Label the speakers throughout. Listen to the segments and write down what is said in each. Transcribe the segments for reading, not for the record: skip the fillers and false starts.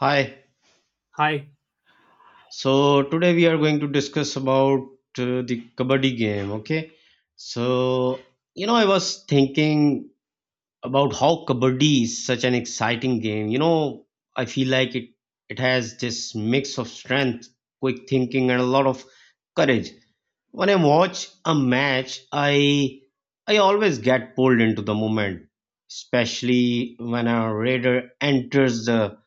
Speaker 1: Hi.
Speaker 2: Hi,
Speaker 1: So today we are going to discuss about the kabaddi game. Okay. So I was thinking about how kabaddi is such an exciting game. I feel like it has this mix of strength, quick thinking, and a lot of courage. When I watch a match, I always get pulled into the moment, especially when a raider enters the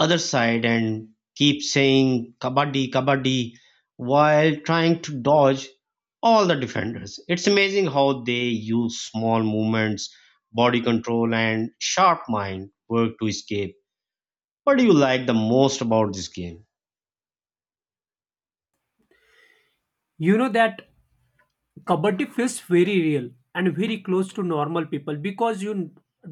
Speaker 1: other side and keep saying kabaddi, kabaddi while trying to dodge all the defenders. It's amazing how they use small movements, body control, and sharp mind work to escape. What do you like the most about this game?
Speaker 2: you know that kabaddi feels very real and very close to normal people because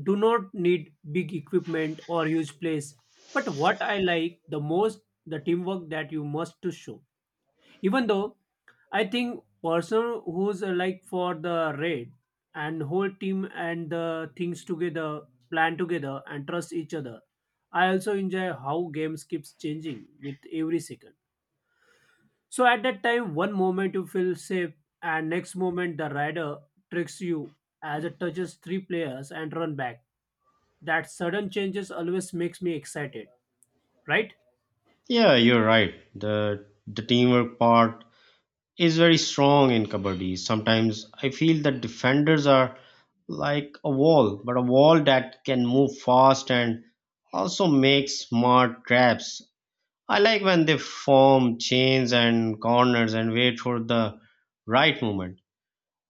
Speaker 2: do not need big equipment or huge place. But what I like the most, the teamwork that you must to show. Even though I think person who's like for the raid and whole team and the things together, plan together and trust each other. I also enjoy how games keeps changing with every second. So at that time, one moment you feel safe, and next moment the rider tricks you as it touches three players and run back. That sudden changes always makes me excited, right?
Speaker 1: Yeah, you're right. The teamwork part is very strong in kabaddi. Sometimes I feel that defenders are like a wall, but a wall that can move fast and also make smart traps. I like when they form chains and corners and wait for the right moment.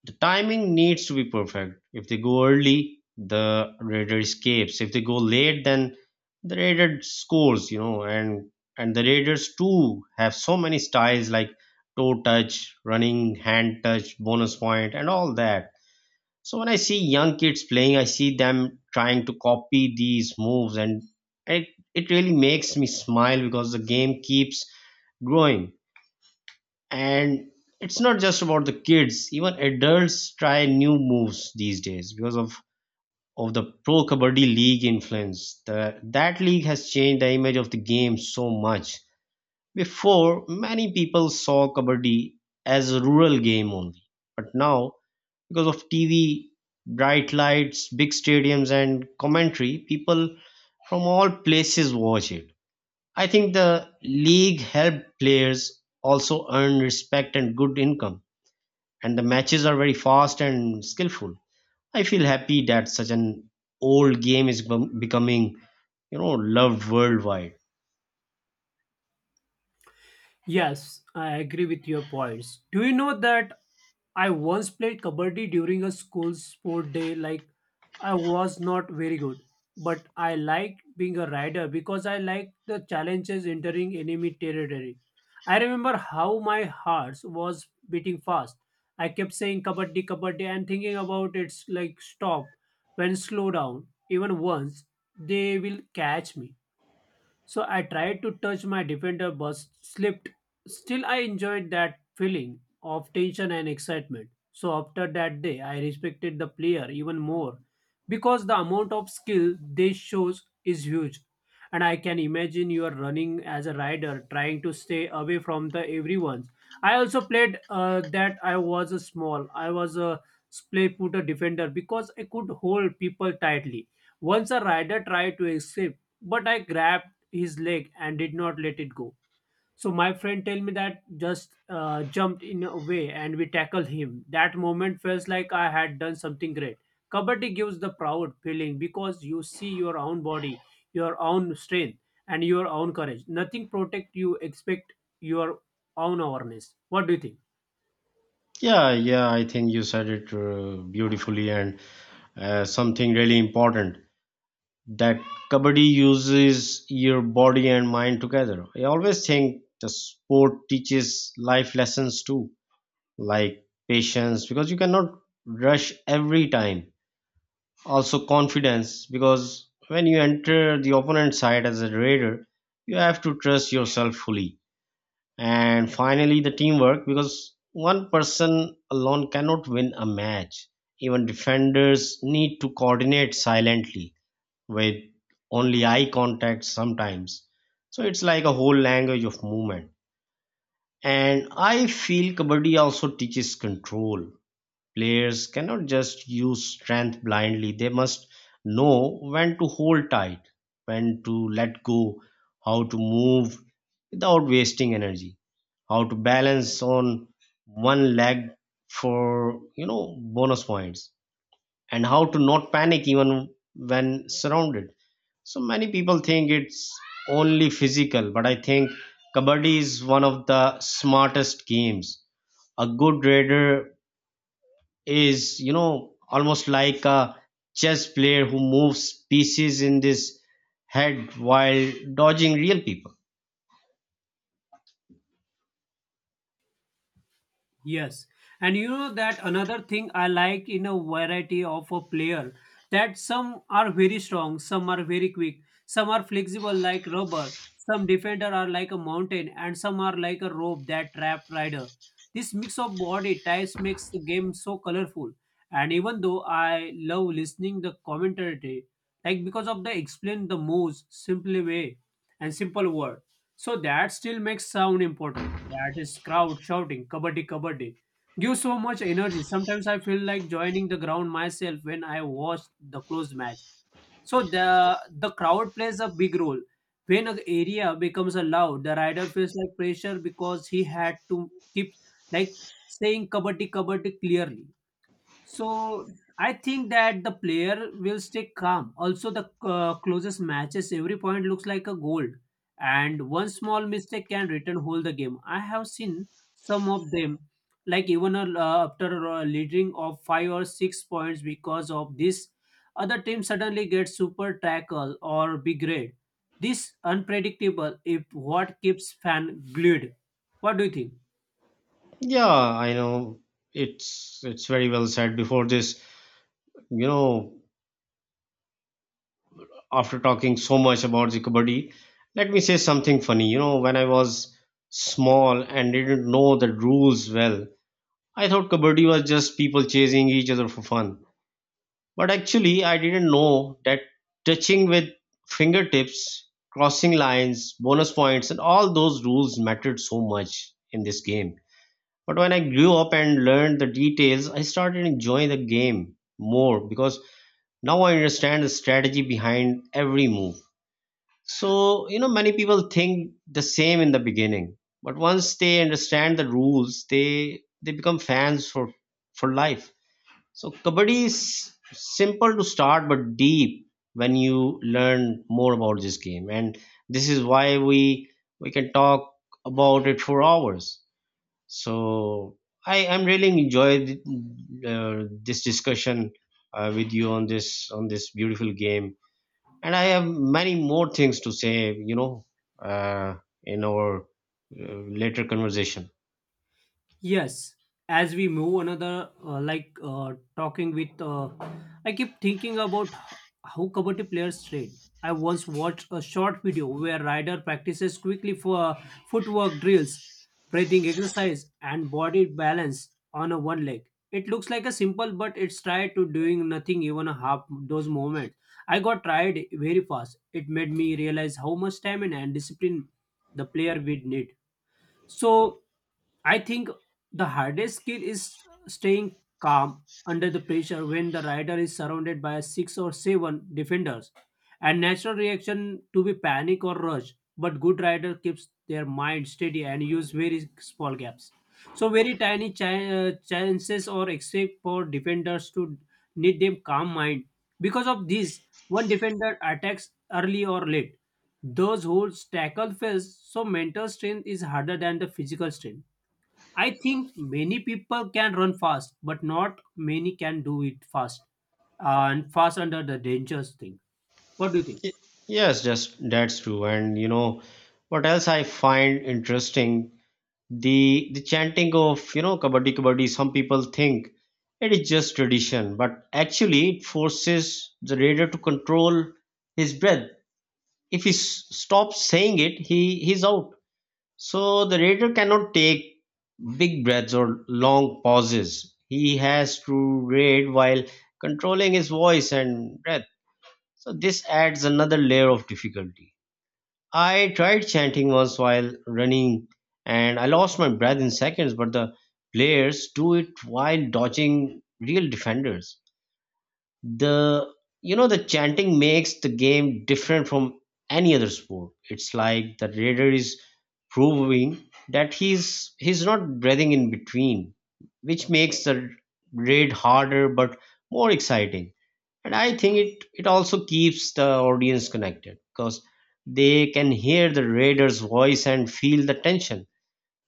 Speaker 1: The timing needs to be perfect. If they go early, the raider escapes. If they go late, then the raider scores and the raiders too have so many styles like toe touch, running hand touch, bonus point, and all that. So when I see young kids playing, I see them trying to copy these moves, and it really makes me smile because the game keeps growing, and it's not just about the kids. Even adults try new moves these days because of the pro kabaddi league influence. That league has changed the image of the game so much. Before, many people saw kabaddi as a rural game only, but now, because of TV, bright lights, big stadiums, and commentary, people from all places watch it. I think the league helped players also earn respect and good income, and the matches are very fast and skillful. I feel happy that such an old game is becoming, loved worldwide.
Speaker 2: Yes, I agree with your points. Do you know that I once played kabaddi during a school sport day. Like I was not very good, but I liked being a rider because I liked the challenges entering enemy territory. I remember how my heart was beating fast. I kept saying kabaddi, kabaddi, and thinking about it's like stop when slow down. Even once they will catch me. So I tried to touch my defender but slipped. Still, I enjoyed that feeling of tension and excitement. So after that day, I respected the player even more because the amount of skill they shows is huge. And I can imagine you are running as a rider, trying to stay away from the everyone's. I also played that I was a small, I was a play putter defender because I could hold people tightly. Once a rider tried to escape, but I grabbed his leg and did not let it go. So my friend tell me that just jumped in a way and we tackled him. That moment feels like I had done something great. Kabaddi gives the proud feeling because you see your own body, your own strength, and your own courage. Nothing protect you except your own awareness. What do you think?
Speaker 1: Yeah, yeah, I think you said it beautifully and something really important, that kabaddi uses your body and mind together. I always think the sport teaches life lessons too, like patience, because you cannot rush every time. Also confidence, because when you enter the opponent side as a raider, you have to trust yourself fully. And finally the teamwork, because one person alone cannot win a match. Even defenders need to coordinate silently, with only eye contact sometimes. So it's like a whole language of movement. And I feel kabaddi also teaches control. Players cannot just use strength blindly, they must know when to hold tight, when to let go, how to move without wasting energy, how to balance on one leg for bonus points, and how to not panic even when surrounded. So many people think it's only physical, but I think kabaddi is one of the smartest games. A good raider is, almost like a chess player who moves pieces in this head while dodging real people.
Speaker 2: Yes, and you know that another thing I like in a variety of a player that some are very strong, some are very quick, some are flexible like rubber, some defender are like a mountain, and some are like a rope that trap rider. This mix of body types makes the game so colorful. And even though I love listening the commentary, like because of the explain the moves simply way and simple word. So that still makes sound important. That is crowd shouting, kabaddi, kabaddi. Gives so much energy. Sometimes I feel like joining the ground myself when I watch the close match. So the crowd plays a big role. When an area becomes a loud, the rider feels like pressure because he had to keep like saying kabaddi kabaddi clearly. So I think that the player will stay calm. Also, the closest matches, every point looks like a goal, and one small mistake can return whole the game. I have seen some of them, like even after leading of 5 or 6 points because of this, other team suddenly gets super tackle or big raid. This unpredictable if what keeps fan glued. What do you think?
Speaker 1: Yeah, I know, it's very well said. Before this, you know after talking so much about the kabaddi, let me say something funny. When I was small and didn't know the rules well, I thought kabaddi was just people chasing each other for fun. But actually, I didn't know that touching with fingertips, crossing lines, bonus points, and all those rules mattered so much in this game. But when I grew up and learned the details, I started enjoying the game more, because now I understand the strategy behind every move. So, many people think the same in the beginning, but once they understand the rules, they become fans for life. So kabaddi is simple to start, but deep when you learn more about this game, and this is why we can talk about it for hours. So I am really enjoyed this discussion with you on this beautiful game, and I have many more things to say. Uh, in our later conversation.
Speaker 2: Yes, as we move another, like talking with, I keep thinking about how kabaddi players train. I once watched a short video where rider practices quickly for footwork drills, breathing exercise, and body balance on a one leg. It looks like a simple, but it's tried to doing nothing even a half those moments. I got tired very fast. It made me realize how much stamina and discipline the player would need. So I think the hardest skill is staying calm under the pressure when the rider is surrounded by 6 or 7 defenders. And natural reaction to be panic or rush, but good rider keeps their mind steady and use very small gaps. So very tiny chances or escape for defenders to need them calm mind. Because of this, one defender attacks early or late. Those holds tackle fails, so mental strength is harder than the physical strength. I think many people can run fast, but not many can do it fast and fast under the dangerous thing. What do you think?
Speaker 1: Y- Yes, just that's true. And you know what else I find interesting? The chanting of, kabaddi kabaddi, some people think it is just tradition, but actually it forces the raider to control his breath. If he stops saying it, he's out. So the raider cannot take big breaths or long pauses. He has to raid while controlling his voice and breath. So this adds another layer of difficulty. I tried chanting once while running and I lost my breath in seconds, but the players do it while dodging real defenders. The you know the chanting makes the game different from any other sport. It's like the raider is proving that he's not breathing in between, which makes the raid harder but more exciting. And I think it also keeps the audience connected, because they can hear the raider's voice and feel the tension.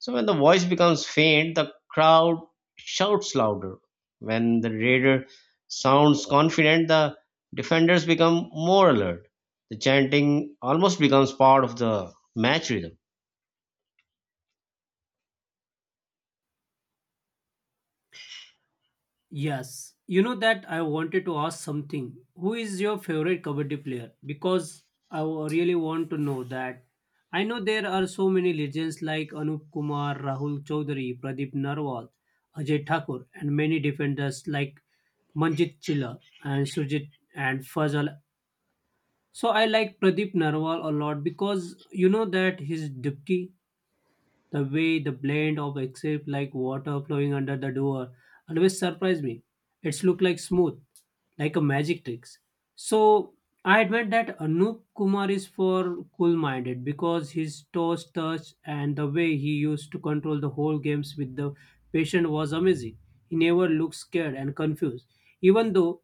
Speaker 1: So when the voice becomes faint, the crowd shouts louder. When the raider sounds confident, the defenders become more alert. The chanting almost becomes part of the match rhythm.
Speaker 2: Yes, you know that I wanted to ask something. Who is your favorite kabaddi player? Because really want to know that. I know there are so many legends like Anup Kumar, Rahul Chaudhary, Pradeep Narwal, Ajay Thakur, and many defenders like Manjit Chilla and Surjit and Fazal. So I like Pradeep Narwal a lot because you know that his dipki, the way the blend of escape like water flowing under the door always surprised me. It's looked like smooth, like a magic trick. So I admit that Anup Kumar is for cool minded because his toes touch and the way he used to control the whole games with the patient was amazing. He never looked scared and confused. Even though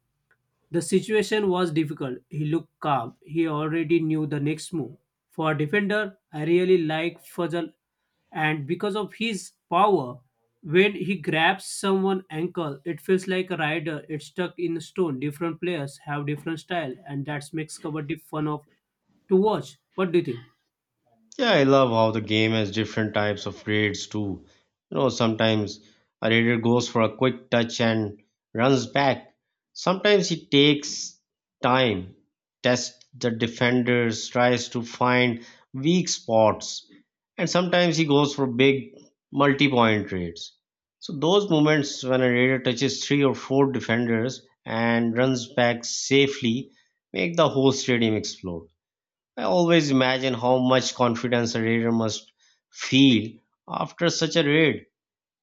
Speaker 2: the situation was difficult. He looked calm. He already knew the next move. For a defender, I really like Fazal and because of his power. When he grabs someone ankle, it feels like a rider it's stuck in stone. Different players have different style, and that makes kabaddi fun of to watch. What do you think?
Speaker 1: Yeah, I love how the game has different types of raids too. Sometimes a raider goes for a quick touch and runs back. Sometimes he takes time, tests the defenders, tries to find weak spots, and sometimes he goes for big multi point raids. So, those moments when a raider touches three or four defenders and runs back safely make the whole stadium explode. I always imagine how much confidence a reader must feel after such a read.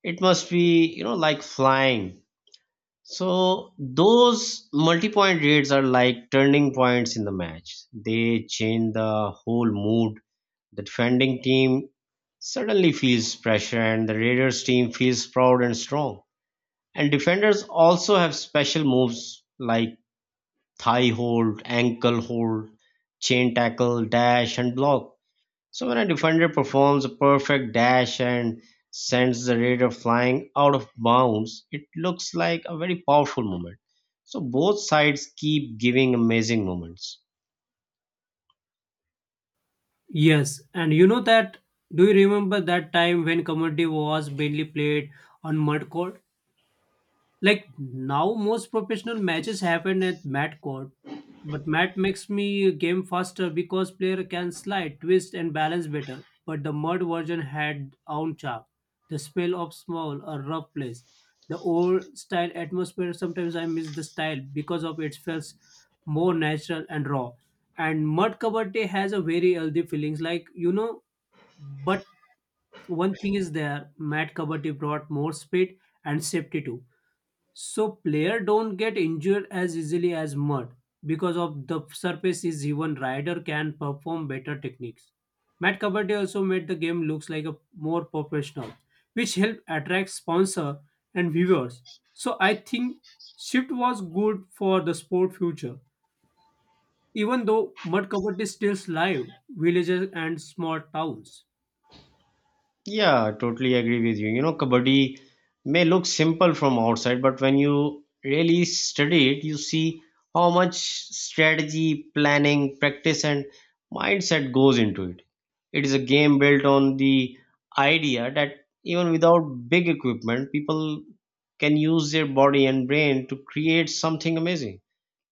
Speaker 1: It must be, like flying. So those multi-point raids are like turning points in the match. They change the whole mood. The defending team suddenly feels pressure and the Raiders team feels proud and strong. And defenders also have special moves like thigh hold, ankle hold, chain tackle, dash and block. So when a defender performs a perfect dash and sends the raider flying out of bounds, it looks like a very powerful moment. So both sides keep giving amazing moments.
Speaker 2: Yes, and you know that, do you remember that time when kabaddi was mainly played on mud court? Like now, most professional matches happen at mat court, but mat makes me game faster because player can slide, twist, and balance better. But the mud version had own charm, the spell of small or rough place, the old style atmosphere. Sometimes I miss the style because of it feels more natural and raw. And mud kabaddi has a very healthy feelings, like you know, but one thing is there, Matt Kabati brought more speed and safety too. So player don't get injured as easily as mud because of the surface is even rider can perform better techniques. Matt Kabaddi also made the game looks like a more professional, which helped attract sponsor and viewers. So I think shift was good for the sport future, even though mud Kabaddi is still live villages and small towns.
Speaker 1: Yeah, totally agree with you. Kabaddi may look simple from outside, but when you really study it, you see how much strategy, planning, practice, and mindset goes into it. It is a game built on the idea that even without big equipment, people can use their body and brain to create something amazing.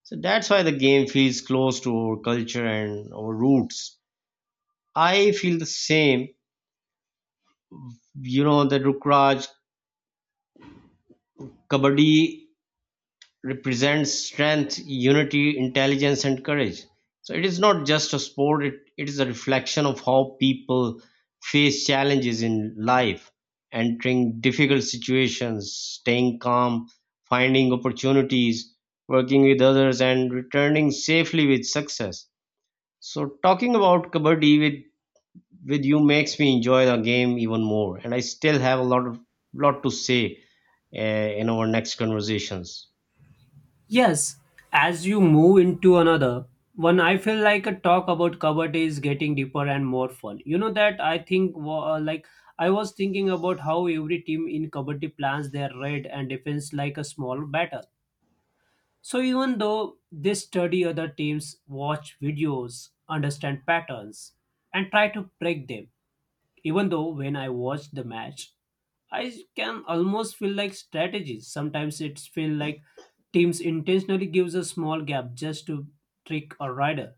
Speaker 1: So that's why the game feels close to our culture and our roots. I feel the same. The Rukraj Kabaddi represents strength, unity, intelligence, and courage. So it is not just a sport, it is a reflection of how people face challenges in life, entering difficult situations, staying calm, finding opportunities, working with others, and returning safely with success. So talking about kabaddi with you makes me enjoy the game even more, and I still have a lot of lot to say in our next conversations.
Speaker 2: Yes, as you move into another one, I feel like a talk about Kabaddi is getting deeper and more fun. You know that I think like I was thinking about how every team in Kabaddi plans their raid and defense like a small battle. So even though they study other teams, watch videos, understand patterns, and try to break them, even though when I watch the match, I can almost feel like strategies. Sometimes it's feel like teams intentionally gives a small gap just to trick a rider.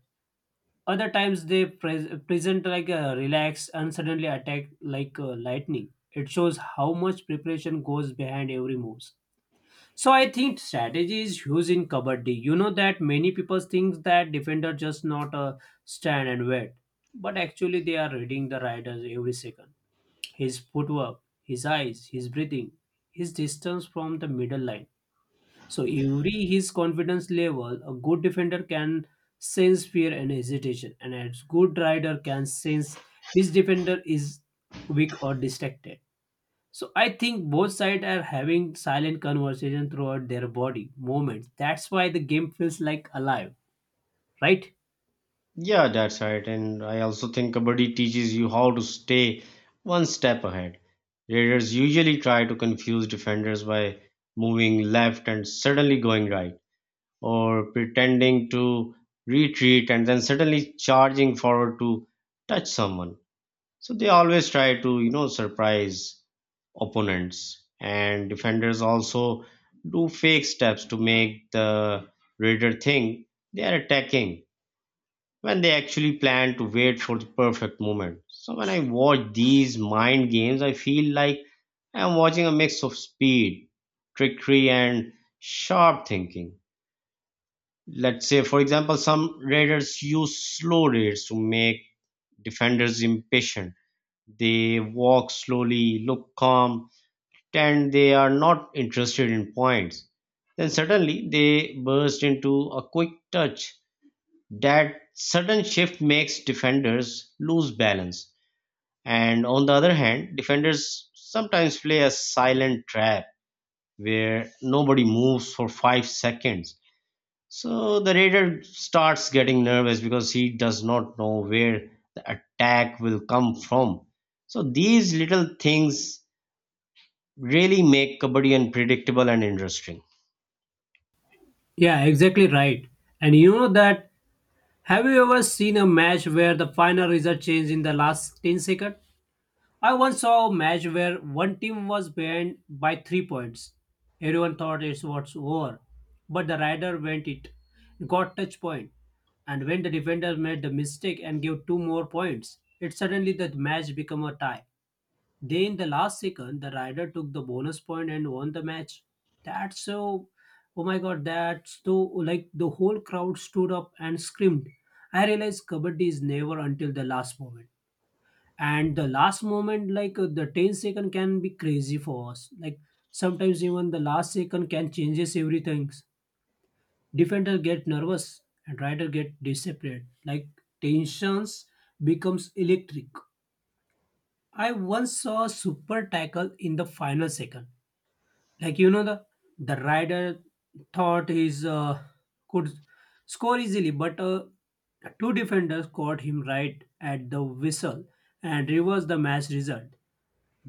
Speaker 2: Other times they present like a relaxed and suddenly attack like lightning. It shows how much preparation goes behind every moves. So I think strategy is huge in kabaddi. You know that many people think that defender just not stand and wait, but actually they are reading the riders every second, his footwork, his eyes, his breathing, his distance from the middle line. So every his confidence level, a good defender can sense fear and hesitation, and a good rider can sense which defender is weak or distracted. So I think both sides are having silent conversation throughout their body movements. That's why the game feels like alive, right?
Speaker 1: Yeah, that's right. And I also think kabaddi teaches you how to stay one step ahead. Raiders usually try to confuse defenders by moving left and suddenly going right, or pretending to retreat and then suddenly charging forward to touch someone. So they always try to, surprise opponents. And defenders also do fake steps to make the raider think they are attacking when they actually plan to wait for the perfect moment. So when I watch these mind games, I feel like I'm watching a mix of speed, trickery, and sharp thinking. Let's say, for example, some raiders use slow raids to make defenders impatient. They walk slowly, look calm, and they are not interested in points. Then suddenly they burst into a quick touch. That sudden shift makes defenders lose balance. And on the other hand, defenders sometimes play a silent trap where nobody moves for 5 seconds. So the raider starts getting nervous because he does not know where the attack will come from. So these little things really make kabaddi unpredictable and interesting.
Speaker 2: Yeah, exactly right. And you know that, have you ever seen a match where the final result changed in the last 10 seconds? I once saw a match where one team was behind by 3 points. Everyone thought it was over, but the rider went it, got touch point, and when the defender made the mistake and gave 2 more points, it suddenly the match became a tie. Then in the last second, the rider took the bonus point and won the match. That's so, oh my god, that's so like the whole crowd stood up and screamed. I realized kabaddi is never until the last moment, and the last moment like the 10 second, can be crazy for us. Like sometimes even the last second can changes everything. Defender get nervous and rider get desperate, like tensions becomes electric. I once saw a super tackle in the final second, like you know, the rider thought his could score easily, but 2 defenders caught him right at the whistle and reversed the match result.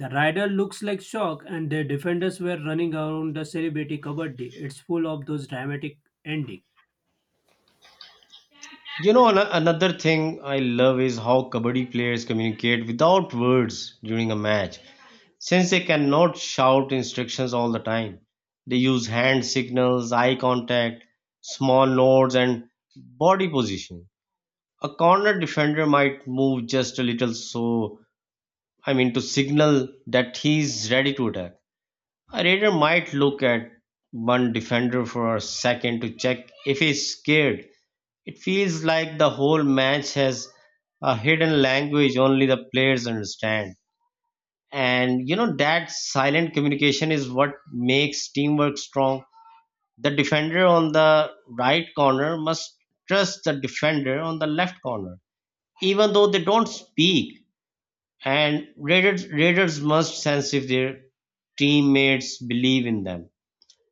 Speaker 2: The rider looks like shock, and the defenders were running around the celebrity. Kabaddi it's full of those dramatic ending.
Speaker 1: Another thing I love is how kabaddi players communicate without words during a match. Since they cannot shout instructions all the time, they use hand signals, eye contact, small nods, and body position. A corner defender might move just a little, to signal that he's ready to attack. A raider might look at one defender for a second to check if he's scared. It feels like the whole match has a hidden language only the players understand. And you know that silent communication is what makes teamwork strong. The defender on the right corner must trust the defender on the left corner, even though they don't speak. And raiders must sense if their teammates believe in them.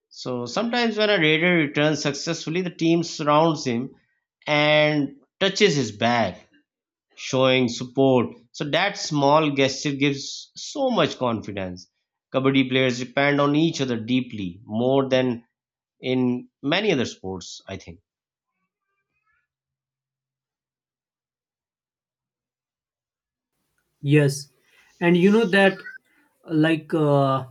Speaker 1: So sometimes when a raider returns successfully, the team surrounds him and touches his back, showing support. So that small gesture gives so much confidence. Kabaddi players depend on each other deeply, more than in many other sports, I think.
Speaker 2: Yes, and you know that, like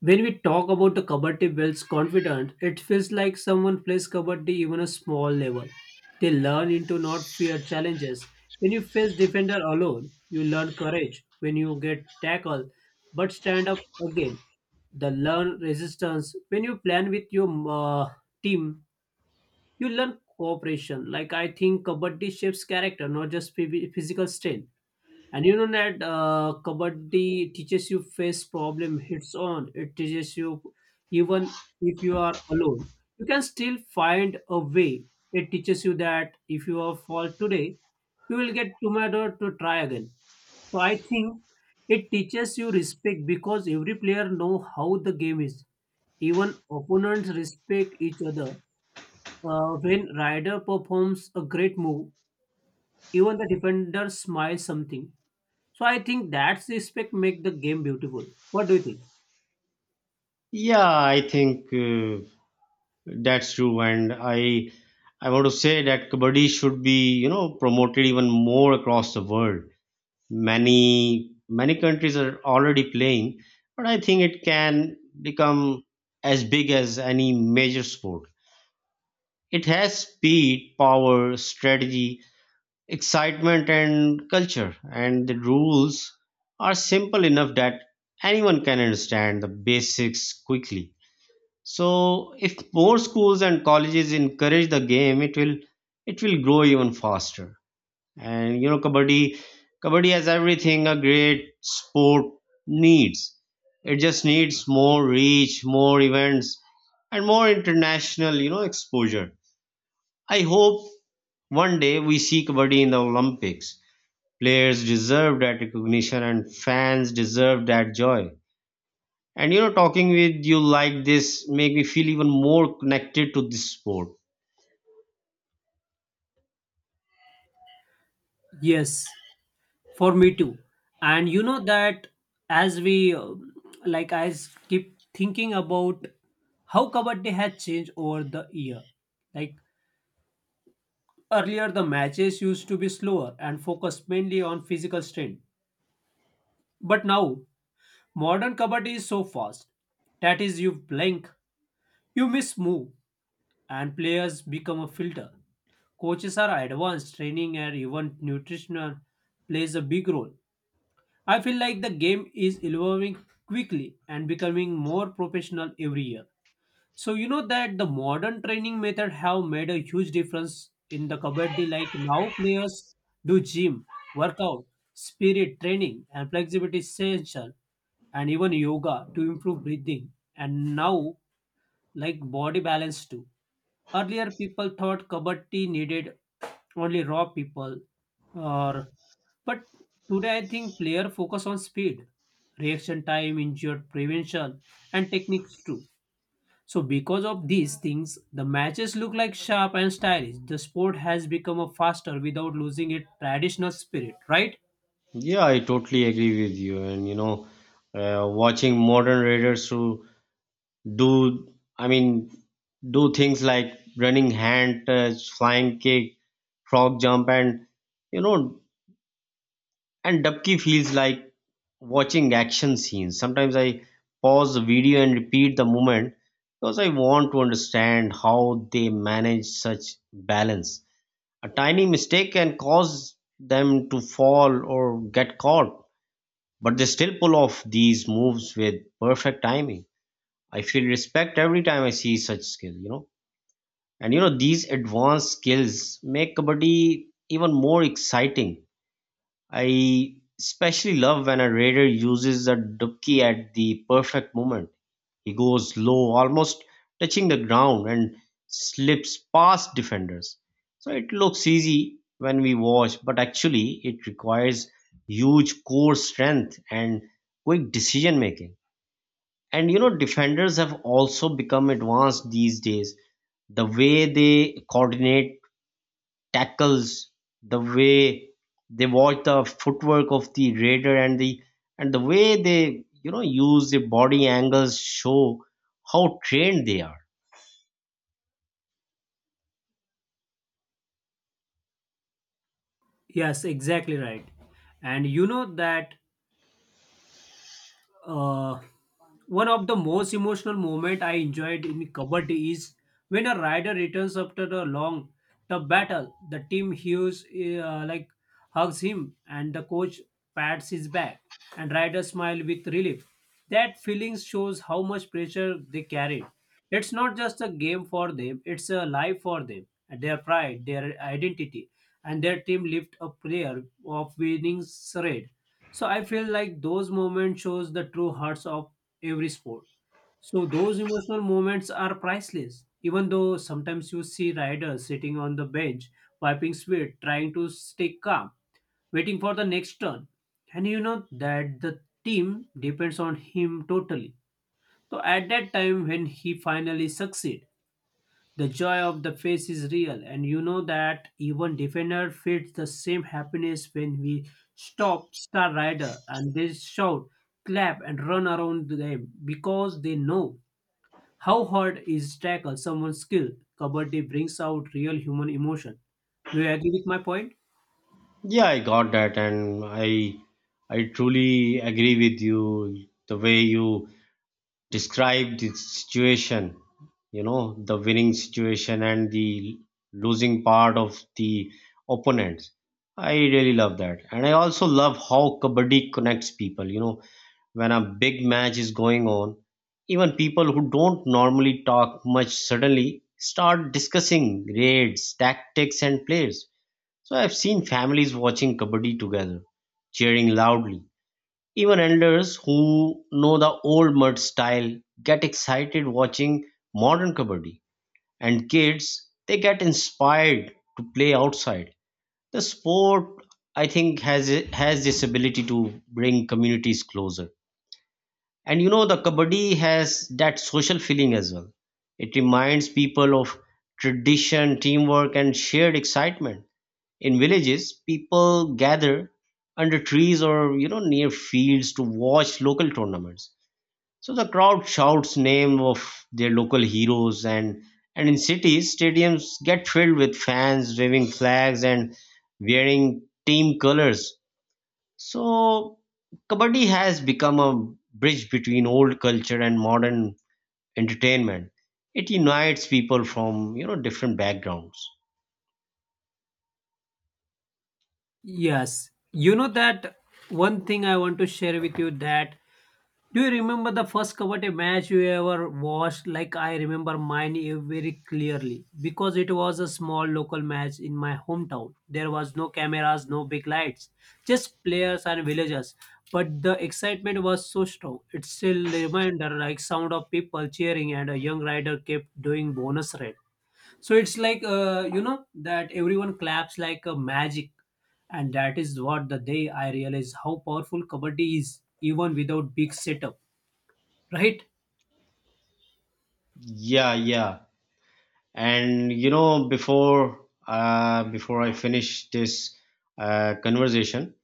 Speaker 2: when we talk about the kabaddi builds confidence, it feels like someone plays kabaddi even a small level. They learn into not fear challenges. When you face defender alone, you learn courage. When you get tackled, but stand up again. The learn resistance. When you plan with your team, you learn cooperation. Like I think kabaddi shapes character, not just physical strength. And you know that Kabaddi teaches you face problem heads on. It teaches you even if you are alone, you can still find a way. It teaches you that if you are fall today, you will get tomorrow to try again. So I think it teaches you respect because every player know how the game is. Even opponents respect each other. When rider performs a great move, even the defender smiles something. So I think that's respect make the game beautiful. What do you think?
Speaker 1: Yeah, I think that's true, and I want to say that kabaddi should be you know promoted even more across the world. Many countries are already playing, but I think it can become as big as any major sport. It has speed, power, strategy, excitement, and culture, and the rules are simple enough that anyone can understand the basics quickly. So, if more schools and colleges encourage the game, it will grow even faster. And you know, kabaddi has everything a great sport needs. It just needs more reach, more events, and more international, exposure. I hope one day we see Kabaddi in the Olympics. Players deserve that recognition and fans deserve that joy. And you know, talking with you like this make me feel even more connected to this sport.
Speaker 2: Yes, for me too. And you know that as we like keep thinking about how kabaddi has changed over the year. Like earlier the matches used to be slower and focused mainly on physical strength. But now modern kabaddi is so fast that is you blink, you miss move and players become a filter. Coaches are advanced, training and even nutritional plays a big role. I feel like the game is evolving quickly and becoming more professional every year. So you know that the modern training method have made a huge difference in the kabaddi. Like now players do gym, workout, spirit training, and flexibility session, and even yoga to improve breathing. And now like body balance too. Earlier, people thought kabaddi needed only raw people, or but today I think player focus on speed, reaction time, injury prevention, and techniques too. So because of these things, the matches look like sharp and stylish. The sport has become a faster without losing its traditional spirit, right?
Speaker 1: Yeah, I totally agree with you. And you know, watching modern raiders who do, I mean, do things like running hand touch, flying kick, frog jump, and you know, And Dubki feels like watching action scenes. Sometimes I pause the video and repeat the moment because I want to understand how they manage such balance. A tiny mistake can cause them to fall or get caught, but they still pull off these moves with perfect timing. I feel respect every time I see such skill, you know. And you know, these advanced skills make kabaddi even more exciting. I especially love when a raider uses a dubki at the perfect moment. He goes low, almost touching the ground, and slips past defenders. So it looks easy when we watch, but actually, it requires huge core strength and quick decision making. And you know, defenders have also become advanced these days. The way they coordinate tackles, the way they watch the footwork of the raider and the way they you know use the body angles show how trained they are.
Speaker 2: Yes, exactly right. And you know that Uh, one of the most emotional moments I enjoyed in kabaddi is when a rider returns after a long tough battle. The team hears like hugs him, and the coach pats his back, and rider smile with relief. That feeling shows how much pressure they carried. It's not just a game for them; it's a life for them. Their pride, their identity, and their team lift a prayer of winning charade. So I feel like those moments shows the true hearts of every sport. So those emotional moments are priceless. Even though sometimes you see riders sitting on the bench, wiping sweat, trying to stay calm, waiting for the next turn. And you know that the team depends on him totally. So at that time when he finally succeed, the joy of the face is real, and you know that even defender feels the same happiness when we stop star rider and they shout, clap, and run around them because they know how hard is tackle someone's skill. Kabaddi brings out real human emotion. Do you agree with my point?
Speaker 1: Yeah, I got that, and I truly agree with you. The way you described the situation, you know, the winning situation and the losing part of the opponents. I really love that, and I also love how kabaddi connects people. You know, when a big match is going on, even people who don't normally talk much suddenly start discussing grades, tactics, and players. So I've seen families watching kabaddi together, cheering loudly. Even elders who know the old mud style get excited watching modern kabaddi, and kids they get inspired to play outside. The sport, I think, has this ability to bring communities closer and you know, the kabaddi has that social feeling as well. It reminds people of tradition, teamwork, and shared excitement. In villages, people gather under trees or you know near fields to watch local tournaments. So the crowd shouts name of their local heroes, and in cities, stadiums get filled with fans waving flags and wearing team colors. So, Kabaddi has become a bridge between old culture and modern entertainment. It unites people from, different backgrounds.
Speaker 2: Yes. You know that one thing I want to share with you that do you remember the first kabaddi match you ever watched? Like I remember mine very clearly because it was a small local match in my hometown. There was no cameras, no big lights, just players and villagers. But the excitement was so strong. It's still a reminder like sound of people cheering and a young rider kept doing bonus red. So it's like you know that everyone claps like a magic and that is what the day I realized how powerful kabaddi is even without big setup. Right?
Speaker 1: Yeah, yeah. And you know, before I finish this conversation,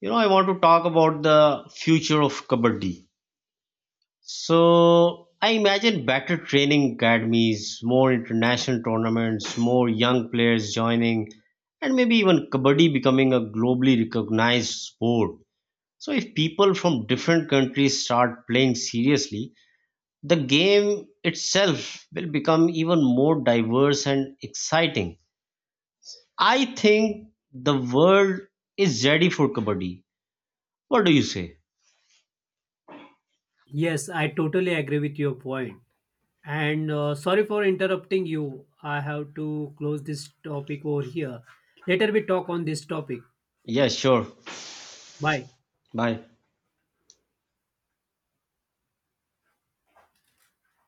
Speaker 1: you know, I want to talk about the future of Kabaddi. So I imagine better training academies, more international tournaments, more young players joining, and maybe even kabaddi becoming a globally recognized sport. So if people from different countries start playing seriously, the game itself will become even more diverse and exciting. I think the world is ready for kabaddi. What do you say?
Speaker 2: Yes, I totally agree with your point. And Sorry for interrupting you. I have to close this topic over here. Later we talk on this topic.
Speaker 1: Yeah, sure.
Speaker 2: Bye.
Speaker 1: Bye.